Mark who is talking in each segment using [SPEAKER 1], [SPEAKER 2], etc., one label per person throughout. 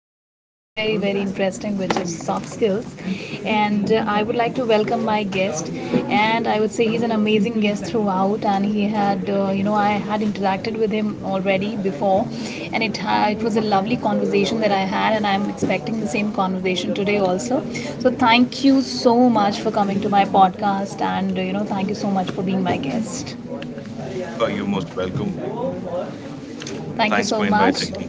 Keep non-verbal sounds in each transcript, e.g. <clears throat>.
[SPEAKER 1] is going to be very, very interesting, which is soft skills. And I would like to welcome my guest. And I would say he's an amazing guest throughout, and he had you know I had interacted with him already before, and it was a lovely conversation that I had, and I'm expecting the same conversation today also. So thank you so much for coming to my podcast, and thank you so much for being my guest.
[SPEAKER 2] Oh, you're most welcome.
[SPEAKER 1] Thank you
[SPEAKER 2] Thanks
[SPEAKER 1] so
[SPEAKER 2] for
[SPEAKER 1] much.
[SPEAKER 2] inviting me.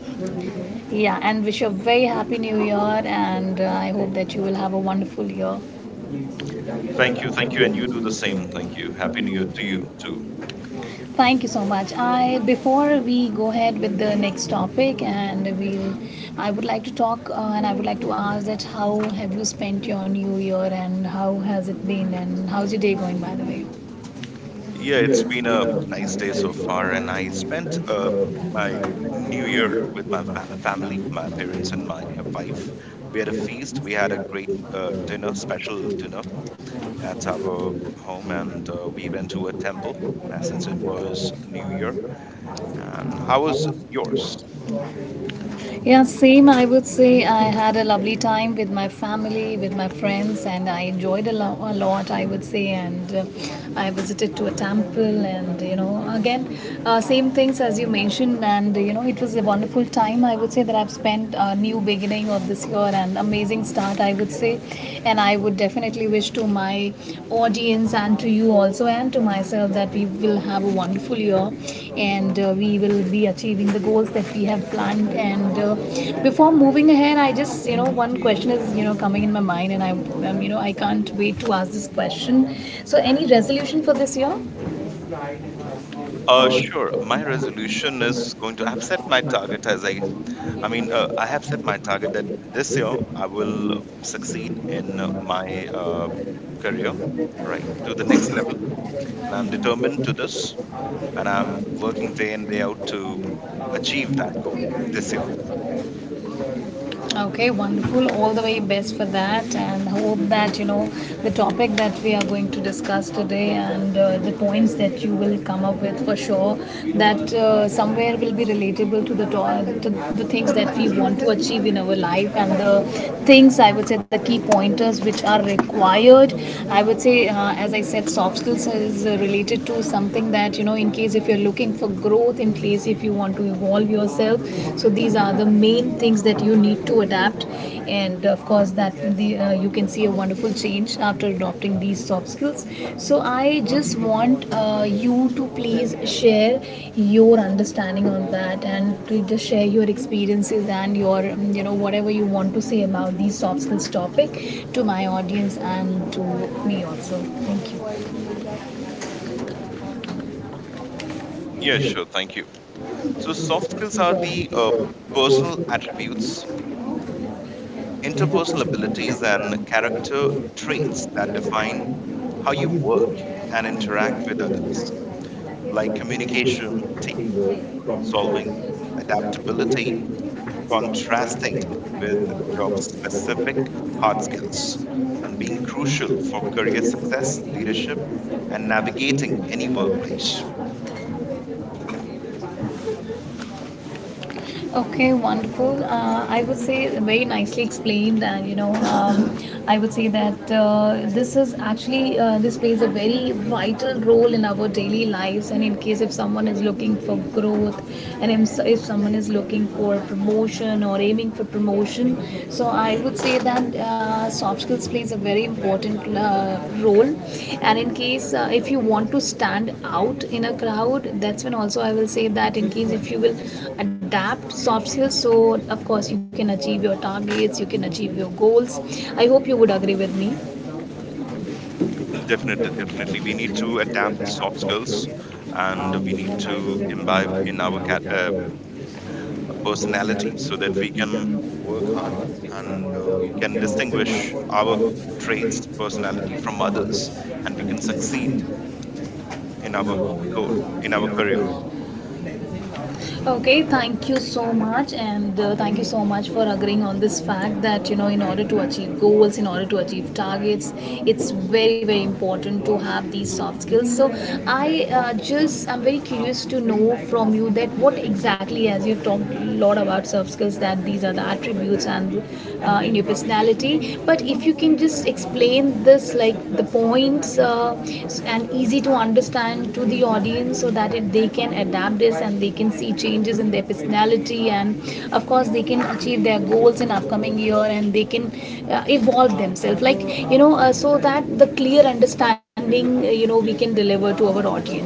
[SPEAKER 1] Yeah, and wish you a very Happy New Year, and I hope that you will have a wonderful year.
[SPEAKER 2] Thank you. Thank you. And you do the same. Thank you. Happy New Year to you, too.
[SPEAKER 1] Thank you so much. I Before we go ahead with the next topic, and we I would like to ask that how have you spent your New Year, and how has it been, and how's your day going, by the way?
[SPEAKER 2] Yeah, it's been a nice day so far. And I spent my New Year with my family, my parents, and my wife. We had a feast. We had a great dinner, special dinner at our home. And we went to a temple since it was New Year. And how was yours?
[SPEAKER 1] Yeah, same. I would say I had a lovely time with my family, with my friends, and I enjoyed a lot, I would say. And I visited to a temple, and again, same things as you mentioned. And it was a wonderful time, I would say, that I've spent a new beginning of this year and amazing start, I would say. And I would definitely wish to my audience and to you also and to myself that we will have a wonderful year, and we will be achieving the goals that we have planned. And before moving ahead, I just, one question is coming in my mind, and I you know I can't wait to ask this question. So any resolution for this year?
[SPEAKER 2] Sure. My resolution is going to. I've set my target, as I I have set my target that this year I will succeed in my career, right, to the next level. And I'm determined to this, and I'm working day in, day out to achieve that goal this year.
[SPEAKER 1] Okay, wonderful. All the very best for that, and hope that the topic that we are going to discuss today and the points that you will come up with for sure, that somewhere will be relatable to to- the things that we want to achieve in our life, and the things, I would say, the key pointers which are required. I would say, as I said, soft skills is related to something that in case if you're looking for growth, in place if you want to evolve yourself. So these are the main things that you need to adapt, and of course that you can see a wonderful change after adopting these soft skills. So I just want you to please share your understanding on that, and to just share your experiences and your whatever you want to say about these soft skills topic to my audience and to me also. Thank you.
[SPEAKER 2] Yeah, sure. Thank you. So, soft skills are the personal attributes, interpersonal abilities, and character traits that define how you work and interact with others, like communication, solving, adaptability, contrasting with job specific hard skills and being crucial for career success, leadership, and navigating any workplace.
[SPEAKER 1] Okay, wonderful. I would say very nicely explained, and I would say that this is actually this plays a very vital role in our daily lives. And in case if someone is looking for growth, and if someone is looking for promotion or aiming for promotion, so I would say that soft skills plays a very important role. And in case if you want to stand out in a crowd, that's when also I will say that in case if you will adapt soft skills, so of course you can achieve your targets, you can achieve your goals. I hope you would agree with me.
[SPEAKER 2] Definitely, definitely. We need to adapt soft skills and we need to imbibe in our personality so that we can work hard and we can distinguish our traits, personality from others, and we can succeed in our goal, in our career.
[SPEAKER 1] Okay, thank you so much, and thank you so much for agreeing on this fact that, in order to achieve goals, in order to achieve targets, it's very, very important to have these soft skills. So, I'm very curious to know from you that what exactly, as you've talked a lot about soft skills, that these are the attributes and in your personality, but if you can just explain this like the points, and easy to understand to the audience so that they can adapt this and they can see changes in their personality, and of course they can achieve their goals in upcoming year, and they can evolve themselves, like so that the clear understanding, we can deliver to our audience.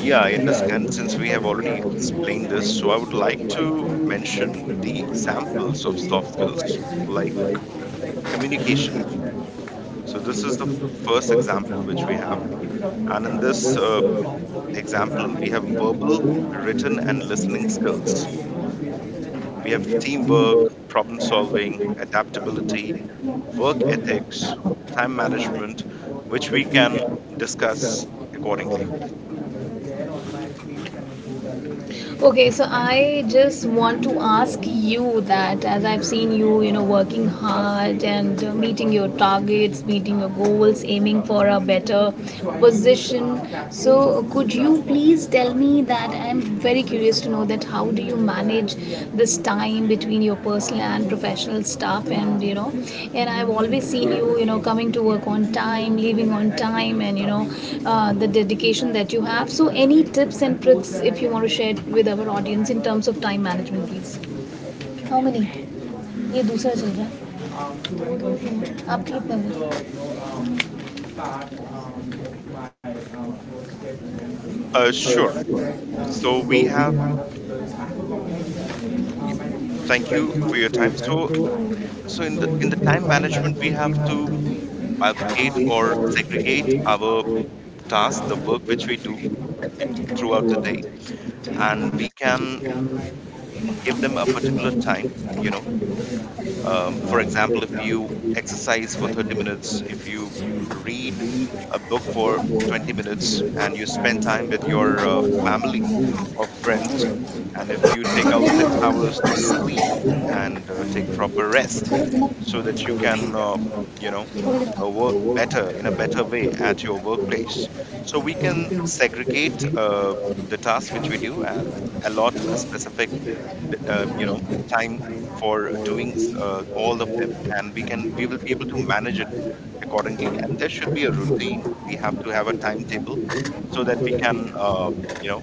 [SPEAKER 2] Yeah, I understand since we have already explained this. So I would like to mention the examples of soft skills like communication. So this is the first example which we have. And in this example, we have verbal, written, and listening skills. We have teamwork, problem solving, adaptability, work ethics, time management, which we can discuss accordingly.
[SPEAKER 1] Okay, so I just want to ask you that as I've seen you, working hard, and meeting your targets, meeting your goals, aiming for a better position. So, could you please tell me that I'm very curious to know that how do you manage this time between your personal and professional stuff? And and I've always seen you you know coming to work on time, leaving on time, and the dedication that you have. So any tips and tricks if you want to share with our audience in terms of time management, please? How many? ये दूसरा चल रहा है. आपके कितने?
[SPEAKER 2] Sure. So we have Y- thank you for your time. So, so in the time management, we have to bifurcate or segregate our tasks, the work which we do throughout the day, and we can give them a particular time. For example, if you exercise for 30 minutes, if you read a book for 20 minutes, and you spend time with your family or friends, and if you take out 6 hours to sleep and take proper rest so that you can, you know, work better in a better way at your workplace. So we can segregate the tasks which we do and allot a specific, d- um, you know, time for doing all of them, and we will be able to manage it accordingly. And there should be a routine. We have to have a timetable so that we can, you know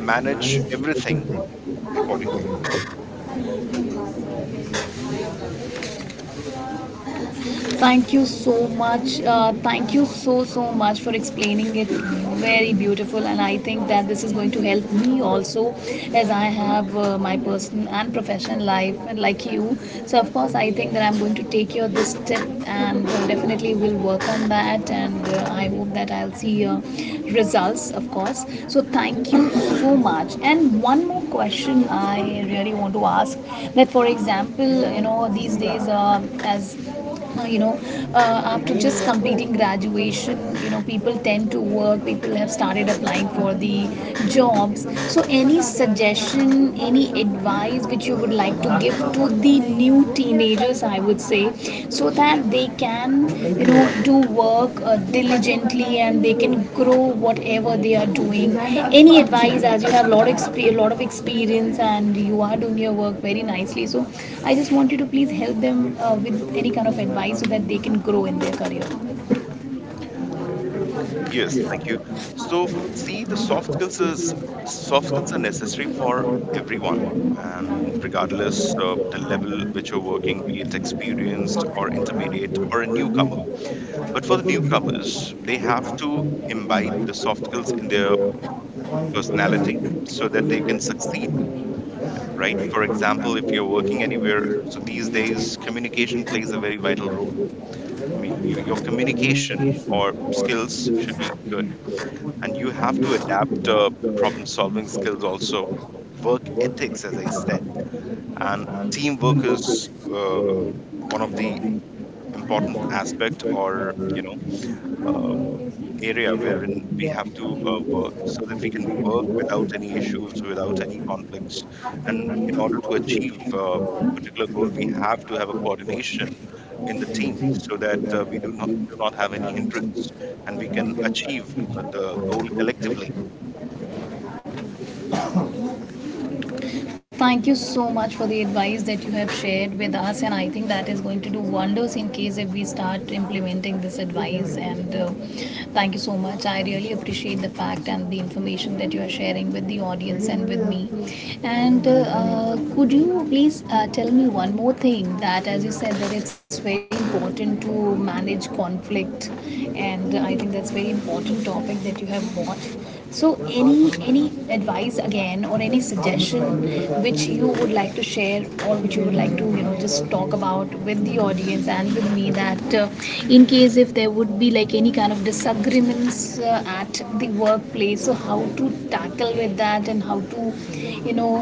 [SPEAKER 2] manage everything accordingly.
[SPEAKER 1] Thank you so much. Thank you so, so much for explaining it. Very beautiful. And I think that this is going to help me also, as I have my personal and professional life, and like you. So, of course, I think that I'm going to take your this tip, and definitely will work on that. And I hope that I'll see, results, of course. So, thank you so much. And one more question I really want to ask that, for example, these days, as you know after just completing graduation, people tend to work, people have started applying for the jobs. So any suggestion, any advice which you would like to give to the new teenagers, I would say, so that they can do work diligently, and they can grow whatever they are doing? Any advice, as you have a lot, lot of experience, and you are doing your work very nicely, so I just want you to please help them with any kind of advice so that they can grow in their career.
[SPEAKER 2] Yes, thank you. So, see, the soft skills is soft skills are necessary for everyone, and regardless of the level which you're working, be it experienced or intermediate or a newcomer. But for the newcomers, they have to imbibe the soft skills in their personality so that they can succeed, right? For example, if you're working anywhere, so these days communication plays a very vital role. I mean, you, your communication or skills should be good, and you have to adapt problem solving skills also, work ethics as I said, and teamwork is one of the important aspect, or you know, uh, area wherein we have to work so that we can work without any issues, without any conflicts. And in order to achieve a particular goal, we have to have a coordination in the team so that we do not have any hindrance and we can achieve the goal collectively.
[SPEAKER 1] Thank you so much for the advice that you have shared with us, and I think that is going to do wonders in case if we start implementing this advice. And thank you so much. I really appreciate the fact and the information that you are sharing with the audience and with me. And could you please tell me one more thing that, as you said, that it's very important to manage conflict, and I think that's very important topic that you have brought. So, any advice again, or any suggestion which you would like to share, or which you would like to just talk about with the audience and with me, that in case if there would be like any kind of disagreements at the workplace, so how to tackle with that, and how to you know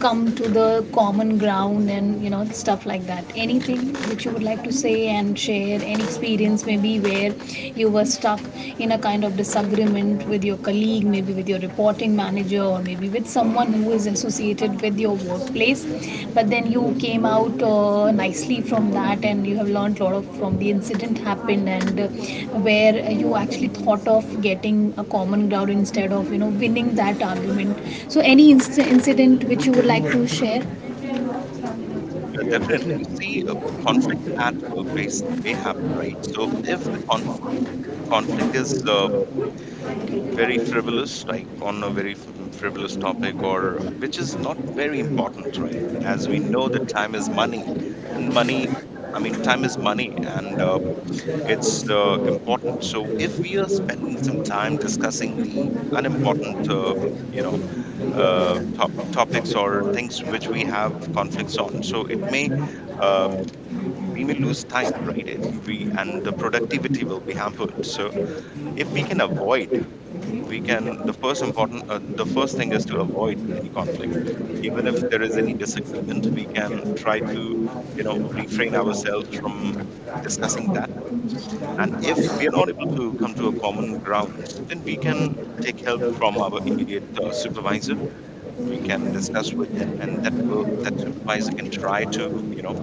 [SPEAKER 1] come to the common ground, and stuff like that? Anything which you would like to say and share, any experience maybe where you were stuck in a kind of disagreement with your colleague, maybe with your reporting manager, or maybe with someone who is associated with your workplace, but then you came out nicely from that, and you have learned a lot of from the incident happened. And where you actually thought of getting a common ground instead of winning that argument, so any incident which you would like to share?
[SPEAKER 2] Yeah, definitely. See, conflict at workplace may happen, right? So if the conflict is very frivolous, like on a very frivolous topic, or which is not very important, right? As we know that time is money and money I mean time is money, and it's important. So if we are spending some time discussing the unimportant, you know topics or things which we have conflicts on, so it may, uh, we may lose time, right? it we And the productivity will be hampered. So if we can avoid, we can the first important, the first thing is to avoid any conflict. Even if there is any disagreement, we can try to, you know, refrain ourselves from discussing that. And if we are not able to come to a common ground, then we can take help from our immediate supervisor. We can discuss with them, and that supervisor can try to, you know,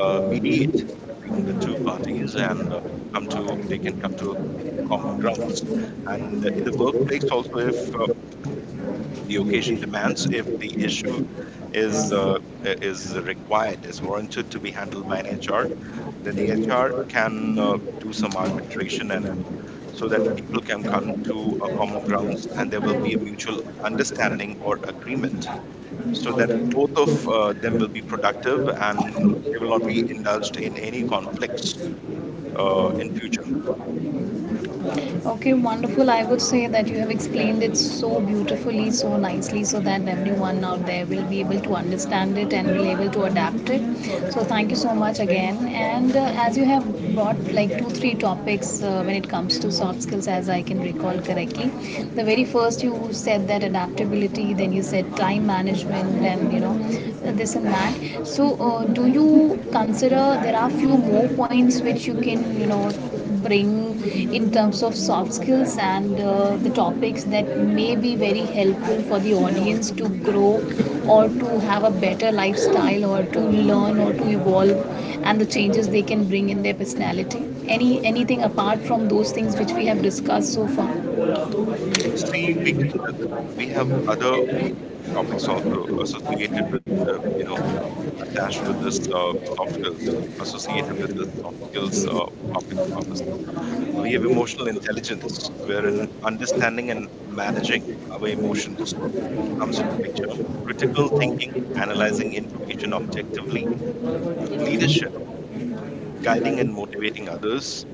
[SPEAKER 2] mediate between the two parties, and come to they can come to a common grounds. And in the workplace also, if the occasion demands, if the issue is uh, is warranted to be handled by an HR, then the HR can do some arbitration, and so that people can come to a common grounds, and there will be a mutual understanding or agreement so that both of them will be productive, and they will not be indulged in any conflicts in future.
[SPEAKER 1] Okay, wonderful. I would say that you have explained it so beautifully, so nicely, so that everyone out there will be able to understand it and will able to adapt it. So thank you so much again. And as you have brought like two, three topics when it comes to soft skills, as I can recall correctly, the very first you said that adaptability, then you said time management, and this and that. So do you consider there are few more points which you can bring in terms of soft skills, and the topics that may be very helpful for the audience to grow, or to have a better lifestyle, or to learn, or to evolve, and the changes they can bring in their personality, anything apart from those things which we have discussed so far?
[SPEAKER 2] See, we can, we have other topics also associated with, uh, you know attached with this, soft skills, associated with this soft skills topic of ours. We have emotional intelligence, wherein understanding and managing our emotions comes into picture. Critical thinking, analyzing information objectively, leadership, guiding and motivating others,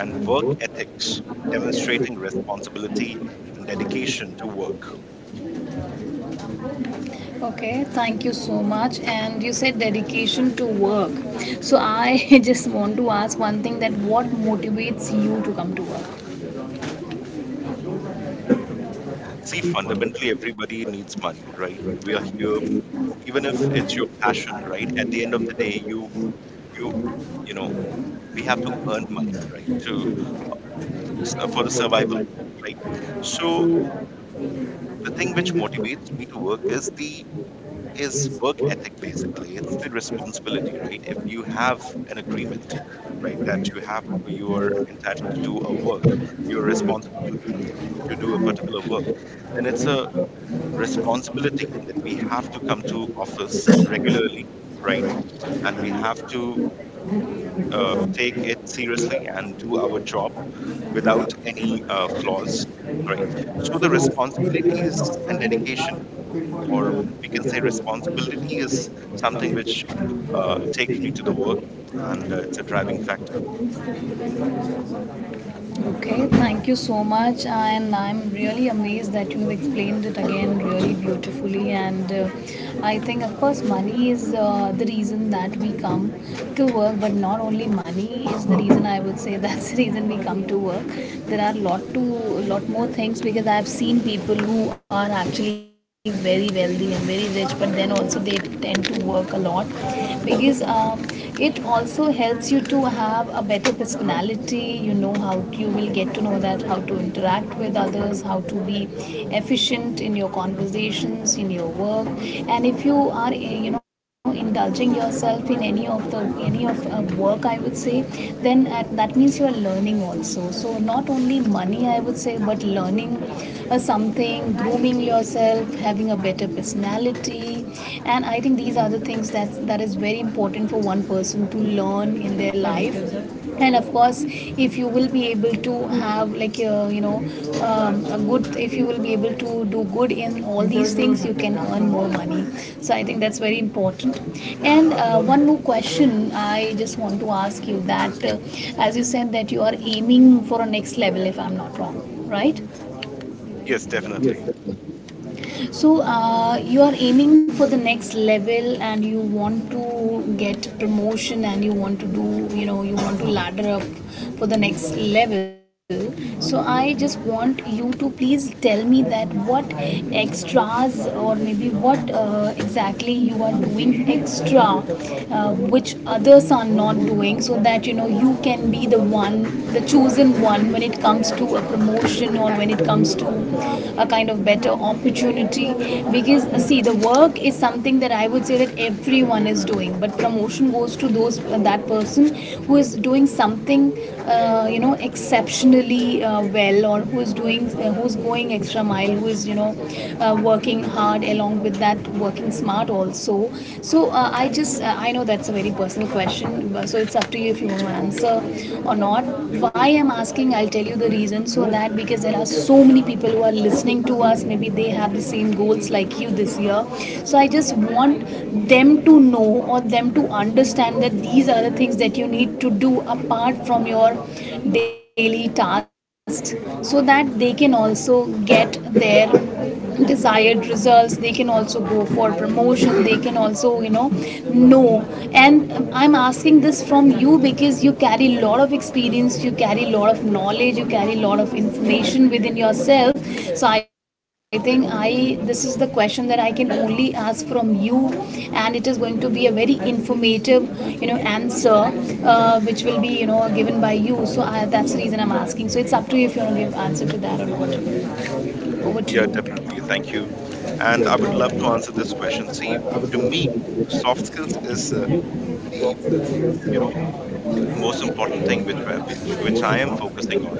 [SPEAKER 2] and work ethics, demonstrating responsibility and dedication to work.
[SPEAKER 1] Okay, thank you so much. And you said dedication to work, so I <laughs> just want to ask one thing, that what motivates you to come to work?
[SPEAKER 2] See, fundamentally, everybody needs money, right? We are here, even if it's your passion, right? At the end of the day, you you know, we have to earn money, right, to, so for the survival, right? So the thing which motivates me to work is the is work ethic. Basically, it's the responsibility, right? If you have an agreement, right, that you have, you are entitled to do a work, you're responsible to do a particular work, then it's a responsibility that we have to come to office regularly, right? And we have to take it seriously and do our job without any flaws, right? So the responsibilities and dedication, or we can say responsibility, is something which takes me to the work, and it's a driving factor.
[SPEAKER 1] Okay, thank you so much, and I'm really amazed that you have explained it again really beautifully. And I think, of course, money is the reason that we come to work, but not only money is the reason. I would say <laughs> that's the reason we come to work. There are lot more things because I've seen people who are actually very wealthy and very rich, but then also they tend to work a lot because. It also helps you to have a better personality, you know, how you will get to know that how to interact with others, how to be efficient in your conversations, in your work. And if you are you know, indulging yourself in any of the any of work, I would say, then that means you are learning also. So not only money, I would say, but learning something, grooming yourself, having a better personality. And I think these are the things that is very important for one person to learn in their life. And of course, if you will be able to have like a good, if you will be able to do good in all these things, you can earn more money. So I think that's very important. And one more question. I just want to ask you that as you said that you are aiming for a next level, if I'm not wrong, right?
[SPEAKER 2] Yes, definitely.
[SPEAKER 1] So you are aiming for the next level, and you want to get promotion, and you want to do, you know, you want to ladder up for the next level. So I just want you to please tell me that what extras or maybe what exactly you are doing extra, which others are not doing, so that you know you can be the one, the chosen one when it comes to a promotion or when it comes to a kind of better opportunity. Because see, the work is something that I would say that everyone is doing, but promotion goes to those, that person who is doing something you know, exceptionally well, or who is doing who is going extra mile, who is, you know, working hard along with that, working smart also. So I just I know that's a very personal question, so it's up to you if you want to answer or not. Why I'm asking, I'll tell you the reason. So that, because there are so many people who are listening to us, maybe they have the same goals like you this year. So I just want them to know or them to understand that these are the things that you need to do apart from your daily tasks, so that they can also get there desired results, they can also go for promotion, they can also, you know, know and I'm asking this from you because you carry a lot of experience, you carry a lot of knowledge, you carry a lot of information within yourself. So I think I this is the question that I can only ask from you, and it is going to be a very informative, you know, answer which will be, you know, given by you. So I, that's the reason I'm asking, so it's up to you if you want to give answer to that or not. Over to
[SPEAKER 2] Yeah,
[SPEAKER 1] you.
[SPEAKER 2] definitely. Thank you. And I would love to answer this question. See, to me, soft skills is the, you know, most important thing which, which I am focusing on,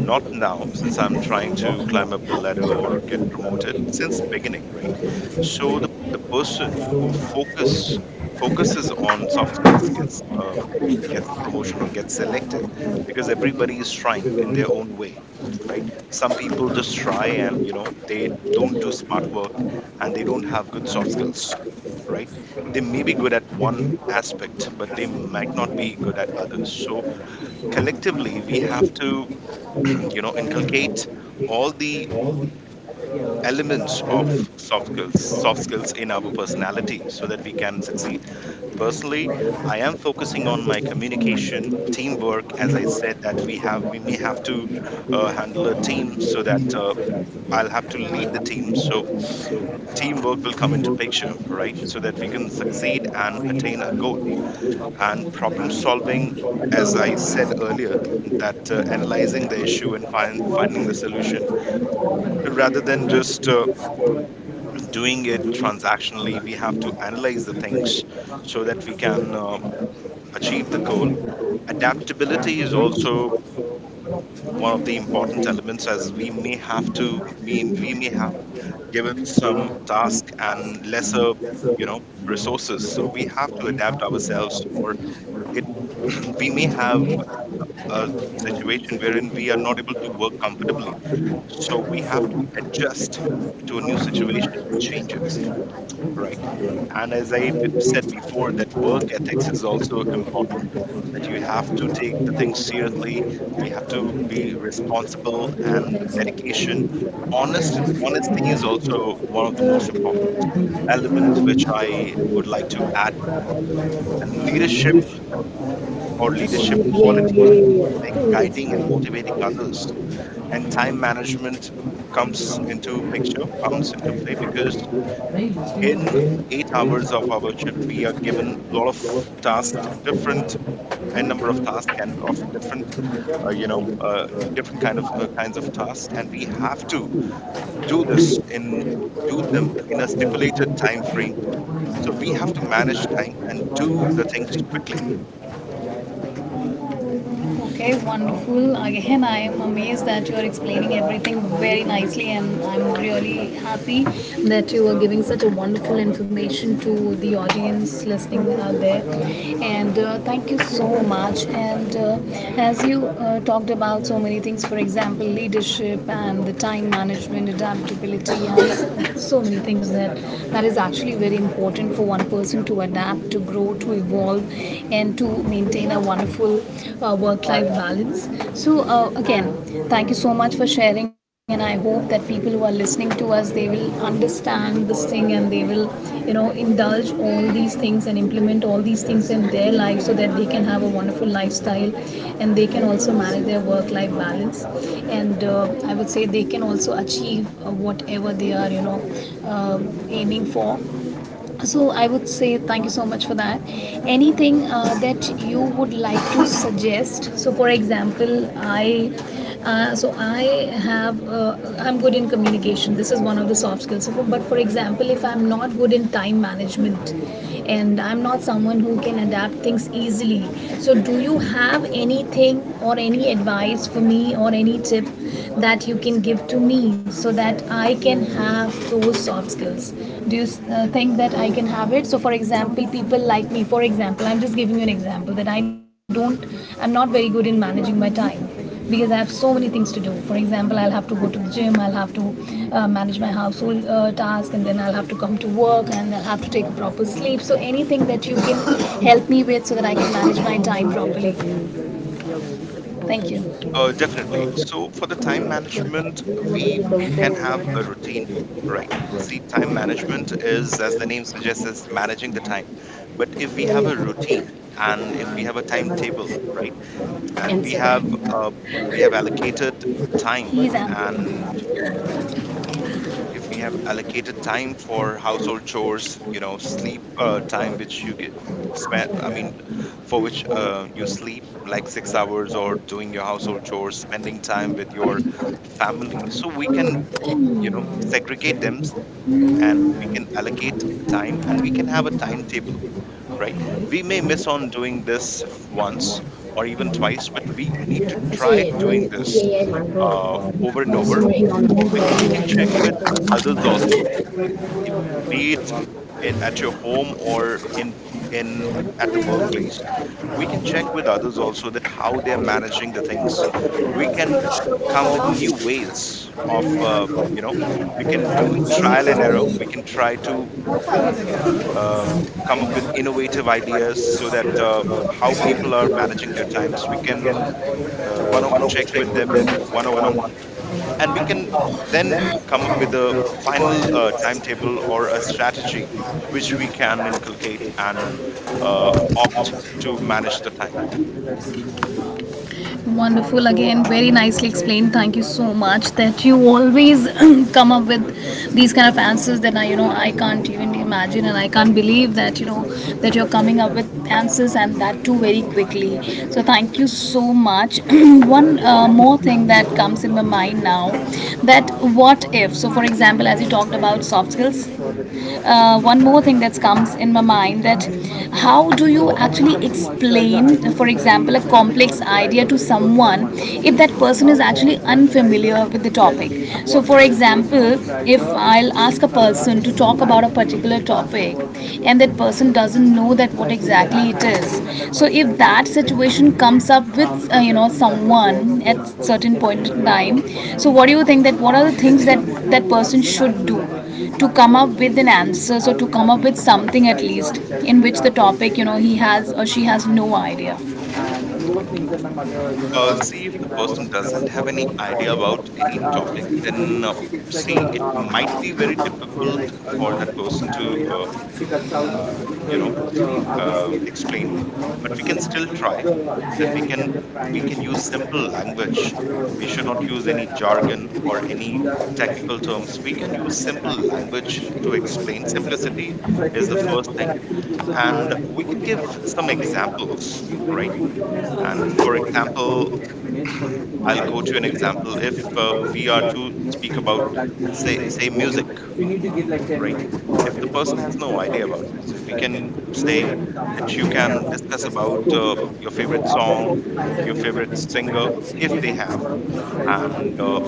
[SPEAKER 2] not now since I'm trying to climb up the ladder or get promoted, since beginning, right? So the person who focuses on soft skills gets, gets the promotion or gets selected, because everybody is trying in their own way, right? Some people just try, and you know, they don't do smart work, and they don't have good soft skills, right? They may be good at one aspect, but they might not be good at others. So collectively we have to, you know, inculcate all the elements of soft skills in our personality so that we can succeed. Personally, I am focusing on my communication, teamwork, as I said that we may have to handle a team, so that I'll have to lead the team. So teamwork will come into picture, right, so that we can succeed and attain a goal. And problem solving, as I said earlier, that analyzing the issue and finding the solution, rather than just doing it transactionally, we have to analyze the things so that we can achieve the goal. Adaptability is also one of the important elements, as we may have to mean we may have given some task and lesser, you know, resources, so we have to adapt ourselves, or it we may have a situation wherein we are not able to work comfortably, so we have to adjust to a new situation and changes, right? And as I said before, that work ethics is also important, that you have to take the things seriously. We have to be responsible and dedication. Honesty is also one of the most important elements which I would like to add. And leadership, or leadership qualities, like guiding and motivating others. And time management comes into picture, comes into play, because in 8 hours of our shift we are given a lot of tasks, different, a number of tasks, and of different, uh, you know uh, different kind of, kinds of tasks, and we have to do this in do them in a stipulated time frame. So we have to manage time and do the things quickly.
[SPEAKER 1] Okay, wonderful. Again, I am amazed that you are explaining everything very nicely, and I'm really happy that you are giving such a wonderful information to the audience listening out there. And thank you so much. And as you talked about so many things, for example, leadership and the time management, adaptability, and so many things that is actually very important for one person to adapt, to grow, to evolve and to maintain a wonderful work life balance. So, again, thank you so much for sharing, and I hope that people who are listening to us, they will understand this thing and they will, you know, indulge all these things and implement all these things in their life so that they can have a wonderful lifestyle and they can also manage their work life balance. And I would say they can also achieve whatever they are, you know, uh, aiming for. So I would say thank you so much for that. Anything that you would like to suggest? So for example, I. So I have, I'm good in communication. This is one of the soft skills. So, but for example, if I'm not good in time management, and I'm not someone who can adapt things easily, so do you have anything or any advice for me or any tip that you can give to me so that I can have those soft skills? Do you think that I can have it? So for example, people like me, for example, I'm just giving you an example that I'm not very good in managing my time, because I have so many things to do. For example, I'll have to go to the gym, I'll have to manage my household task, and then I'll have to come to work, and I'll have to take a proper sleep. So anything that you can help me with so that I can manage my time properly. Thank you.
[SPEAKER 2] Definitely. So for the time management, we can have a routine, right? See, time management is, as the name suggests, is managing the time. But if we have a routine and if we have a timetable, right, and
[SPEAKER 1] Answer.
[SPEAKER 2] we have allocated time,
[SPEAKER 1] He's answering.
[SPEAKER 2] and if we have allocated time for household chores, you know, sleep, time which you get spent. I mean for which you sleep like 6 hours, or doing your household chores, spending time with your family, so we can, you know, segregate them, and we can allocate time and we can have a timetable, right? We may miss on doing this once or even twice, but we need to try
[SPEAKER 1] 사실
[SPEAKER 2] doing
[SPEAKER 1] 난
[SPEAKER 2] this
[SPEAKER 1] AI 말고
[SPEAKER 2] over and over.
[SPEAKER 1] 숨을 이건.
[SPEAKER 2] We can check with others also, i- be it at your home or in at the workplace. We can check with others also that how they are managing the things. We can come with new ways of, we can do trial and error, we can try to, um, come up with innovative ideas so that, how people are managing their times, we can, one, check with them one on one, and we can then come up with a final, timetable or a strategy which we can inculcate and uh, opt to manage the time.
[SPEAKER 1] Wonderful again, very nicely explained. Thank you so much that you always <clears throat> come up with these kind of answers that I, you know, I can't even imagine, and I can't believe that you know that you're coming up with answers, and that too very quickly. So thank you so much. <clears throat> One
[SPEAKER 2] You're welcome.
[SPEAKER 1] more thing that comes in my mind now, that what if? So for example, as you talked about soft skills, one more thing that comes in my mind, that how do you actually explain, for example, a complex idea to someone if that person is actually unfamiliar with the topic? So, for example, if I'll ask a person to talk about a particular topic, and that person doesn't know that what exactly it is, so if that situation comes up with you know, someone at certain point in time, so what do you think that what are the things that that person should do to come up with an answer, so to come up with something at least in which the topic, you know, he has or she has no idea.
[SPEAKER 2] See, if the person doesn't have any idea about any topic, then see, it might be very difficult for that person to, uh, you know explain, but we can still try that we can, we can use simple language. We should not use any jargon or any technical terms. We can use simple language to explain.
[SPEAKER 1] Thank,
[SPEAKER 2] Simplicity
[SPEAKER 1] so I
[SPEAKER 2] is
[SPEAKER 1] feel
[SPEAKER 2] the
[SPEAKER 1] that
[SPEAKER 2] first
[SPEAKER 1] that
[SPEAKER 2] thing,
[SPEAKER 1] actually gives us more
[SPEAKER 2] and we can
[SPEAKER 1] when
[SPEAKER 2] give some
[SPEAKER 1] you
[SPEAKER 2] examples, right? And for
[SPEAKER 1] put in
[SPEAKER 2] example,
[SPEAKER 1] minutes for
[SPEAKER 2] <clears throat> I'll
[SPEAKER 1] it,
[SPEAKER 2] quote you an example. If we are to speak about, say music,
[SPEAKER 1] you need to give like ten
[SPEAKER 2] right?
[SPEAKER 1] minutes or.
[SPEAKER 2] If the person has no idea about music, if we can say that you can discuss about your favorite song, your favorite singer, if they have, and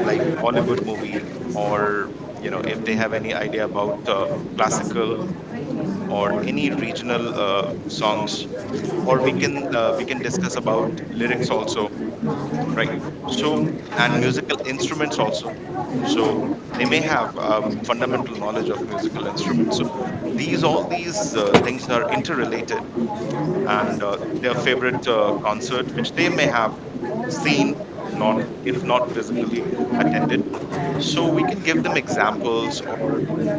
[SPEAKER 2] like Bollywood movie, or you know, if they have any idea about classical or any regional songs, or we can discuss about lyrics also, right? So, and musical instruments also. So, they may have a fundamental knowledge of musical instruments. So, these all these things are interrelated, and their favorite concert, which they may have seen, not if not physically attended. So, we can give them examples, or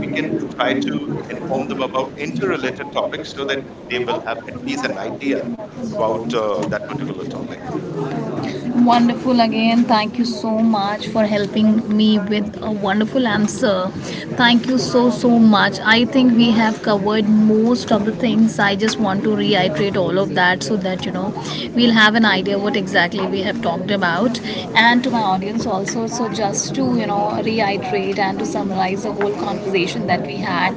[SPEAKER 2] we can try to inform them about interrelated topics so that they will have at least an idea about that particular topic.
[SPEAKER 1] Wonderful again. Thank you so much for helping me with a wonderful answer. Thank you so so much. I think we have covered most of the things. I just want to reiterate all of that so that you know we'll have an idea what exactly we have talked about, and to my audience also. So just to, you know, reiterate and to summarize the whole conversation that we had.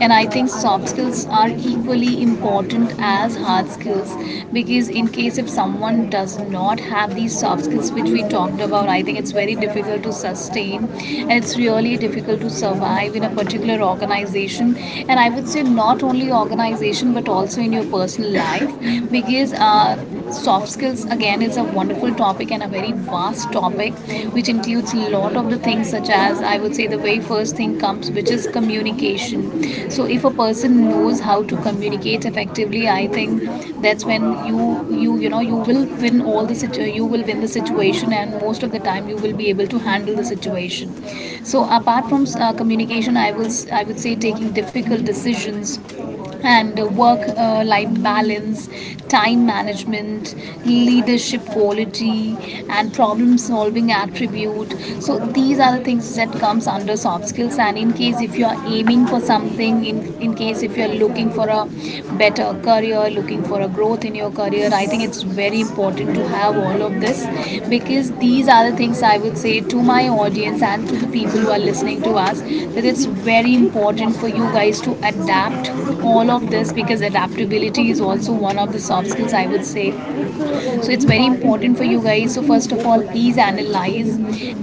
[SPEAKER 1] And I think soft skills are equally important as hard skills, because in case if someone does not have these soft skills which we talked about, I think it's very difficult to sustain, and it's really difficult to survive in a particular organization. And I would say not only organization, but also in your personal life, because soft skills again is a wonderful topic and a very vast topic, which includes a lot of the things, such as, I would say, the very first thing comes which is communication. So if a person knows how to communicate effectively, I think that's when you know, you will win all the you will win the situation, and most of the time you will be able to handle the situation. So apart from communication, I would say taking difficult decisions and work life balance, time management, leadership quality, and problem solving attribute. So these are the things that comes under soft skills. And in case if you are aiming for something, in case if you are looking for a better career, looking for a growth in your career, I think it's very important to have all of this. Because these are the things I would say to my audience and to the people who are listening to us, that it's very important for you guys to adapt all of this, because adaptability is also one of the soft skills, I would say. So it's very important for you guys. So first of all, please analyze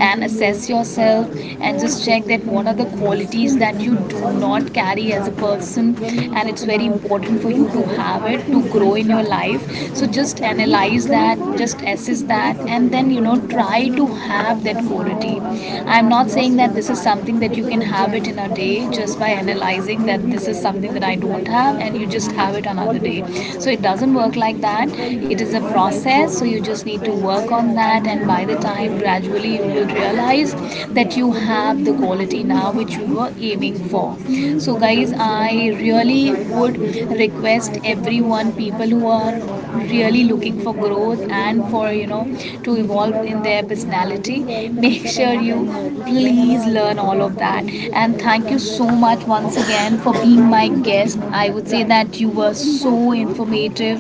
[SPEAKER 1] and assess yourself, and just check that what are the qualities that you do not carry as a person, and it's very important for you to have it to grow in your life. So just analyze that, just assess that, and then, you know, try to have that quality. I'm not saying that this is something that you can have it in a day, just by analyzing that this is something that I don't have, and you just have it another day. So it doesn't work like that. It is a process, so you just need to work on that, and by the time gradually you will realize that you have the quality now which you were able craving for. So, guys, I really would request everyone, people who are really looking for growth and for, you know, to evolve in their personality, make sure you please learn all of that. And thank you so much once again for being my guest. I would say that you were so informative,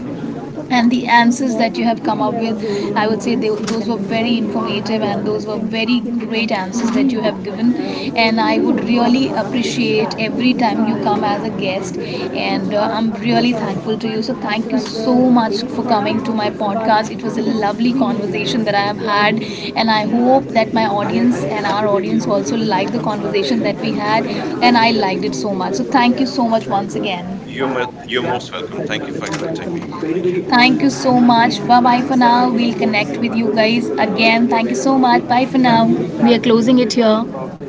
[SPEAKER 1] and the answers that you have come up with, I would say those were very informative, and those were very great answers that you have given. And I would really appreciate every time you come as a guest, and I'm really thankful to you. So thank you so much for coming to my podcast. It was a lovely conversation that I have had, and I hope that my audience and our audience also liked the conversation that we had, and I liked it so much. So thank you so much once again.
[SPEAKER 2] You're most welcome. Thank you for inviting me. Thank you.
[SPEAKER 1] Thank you so much. Bye bye for now. We'll connect with you guys again. Thank you so much. Bye for now. We are closing it here.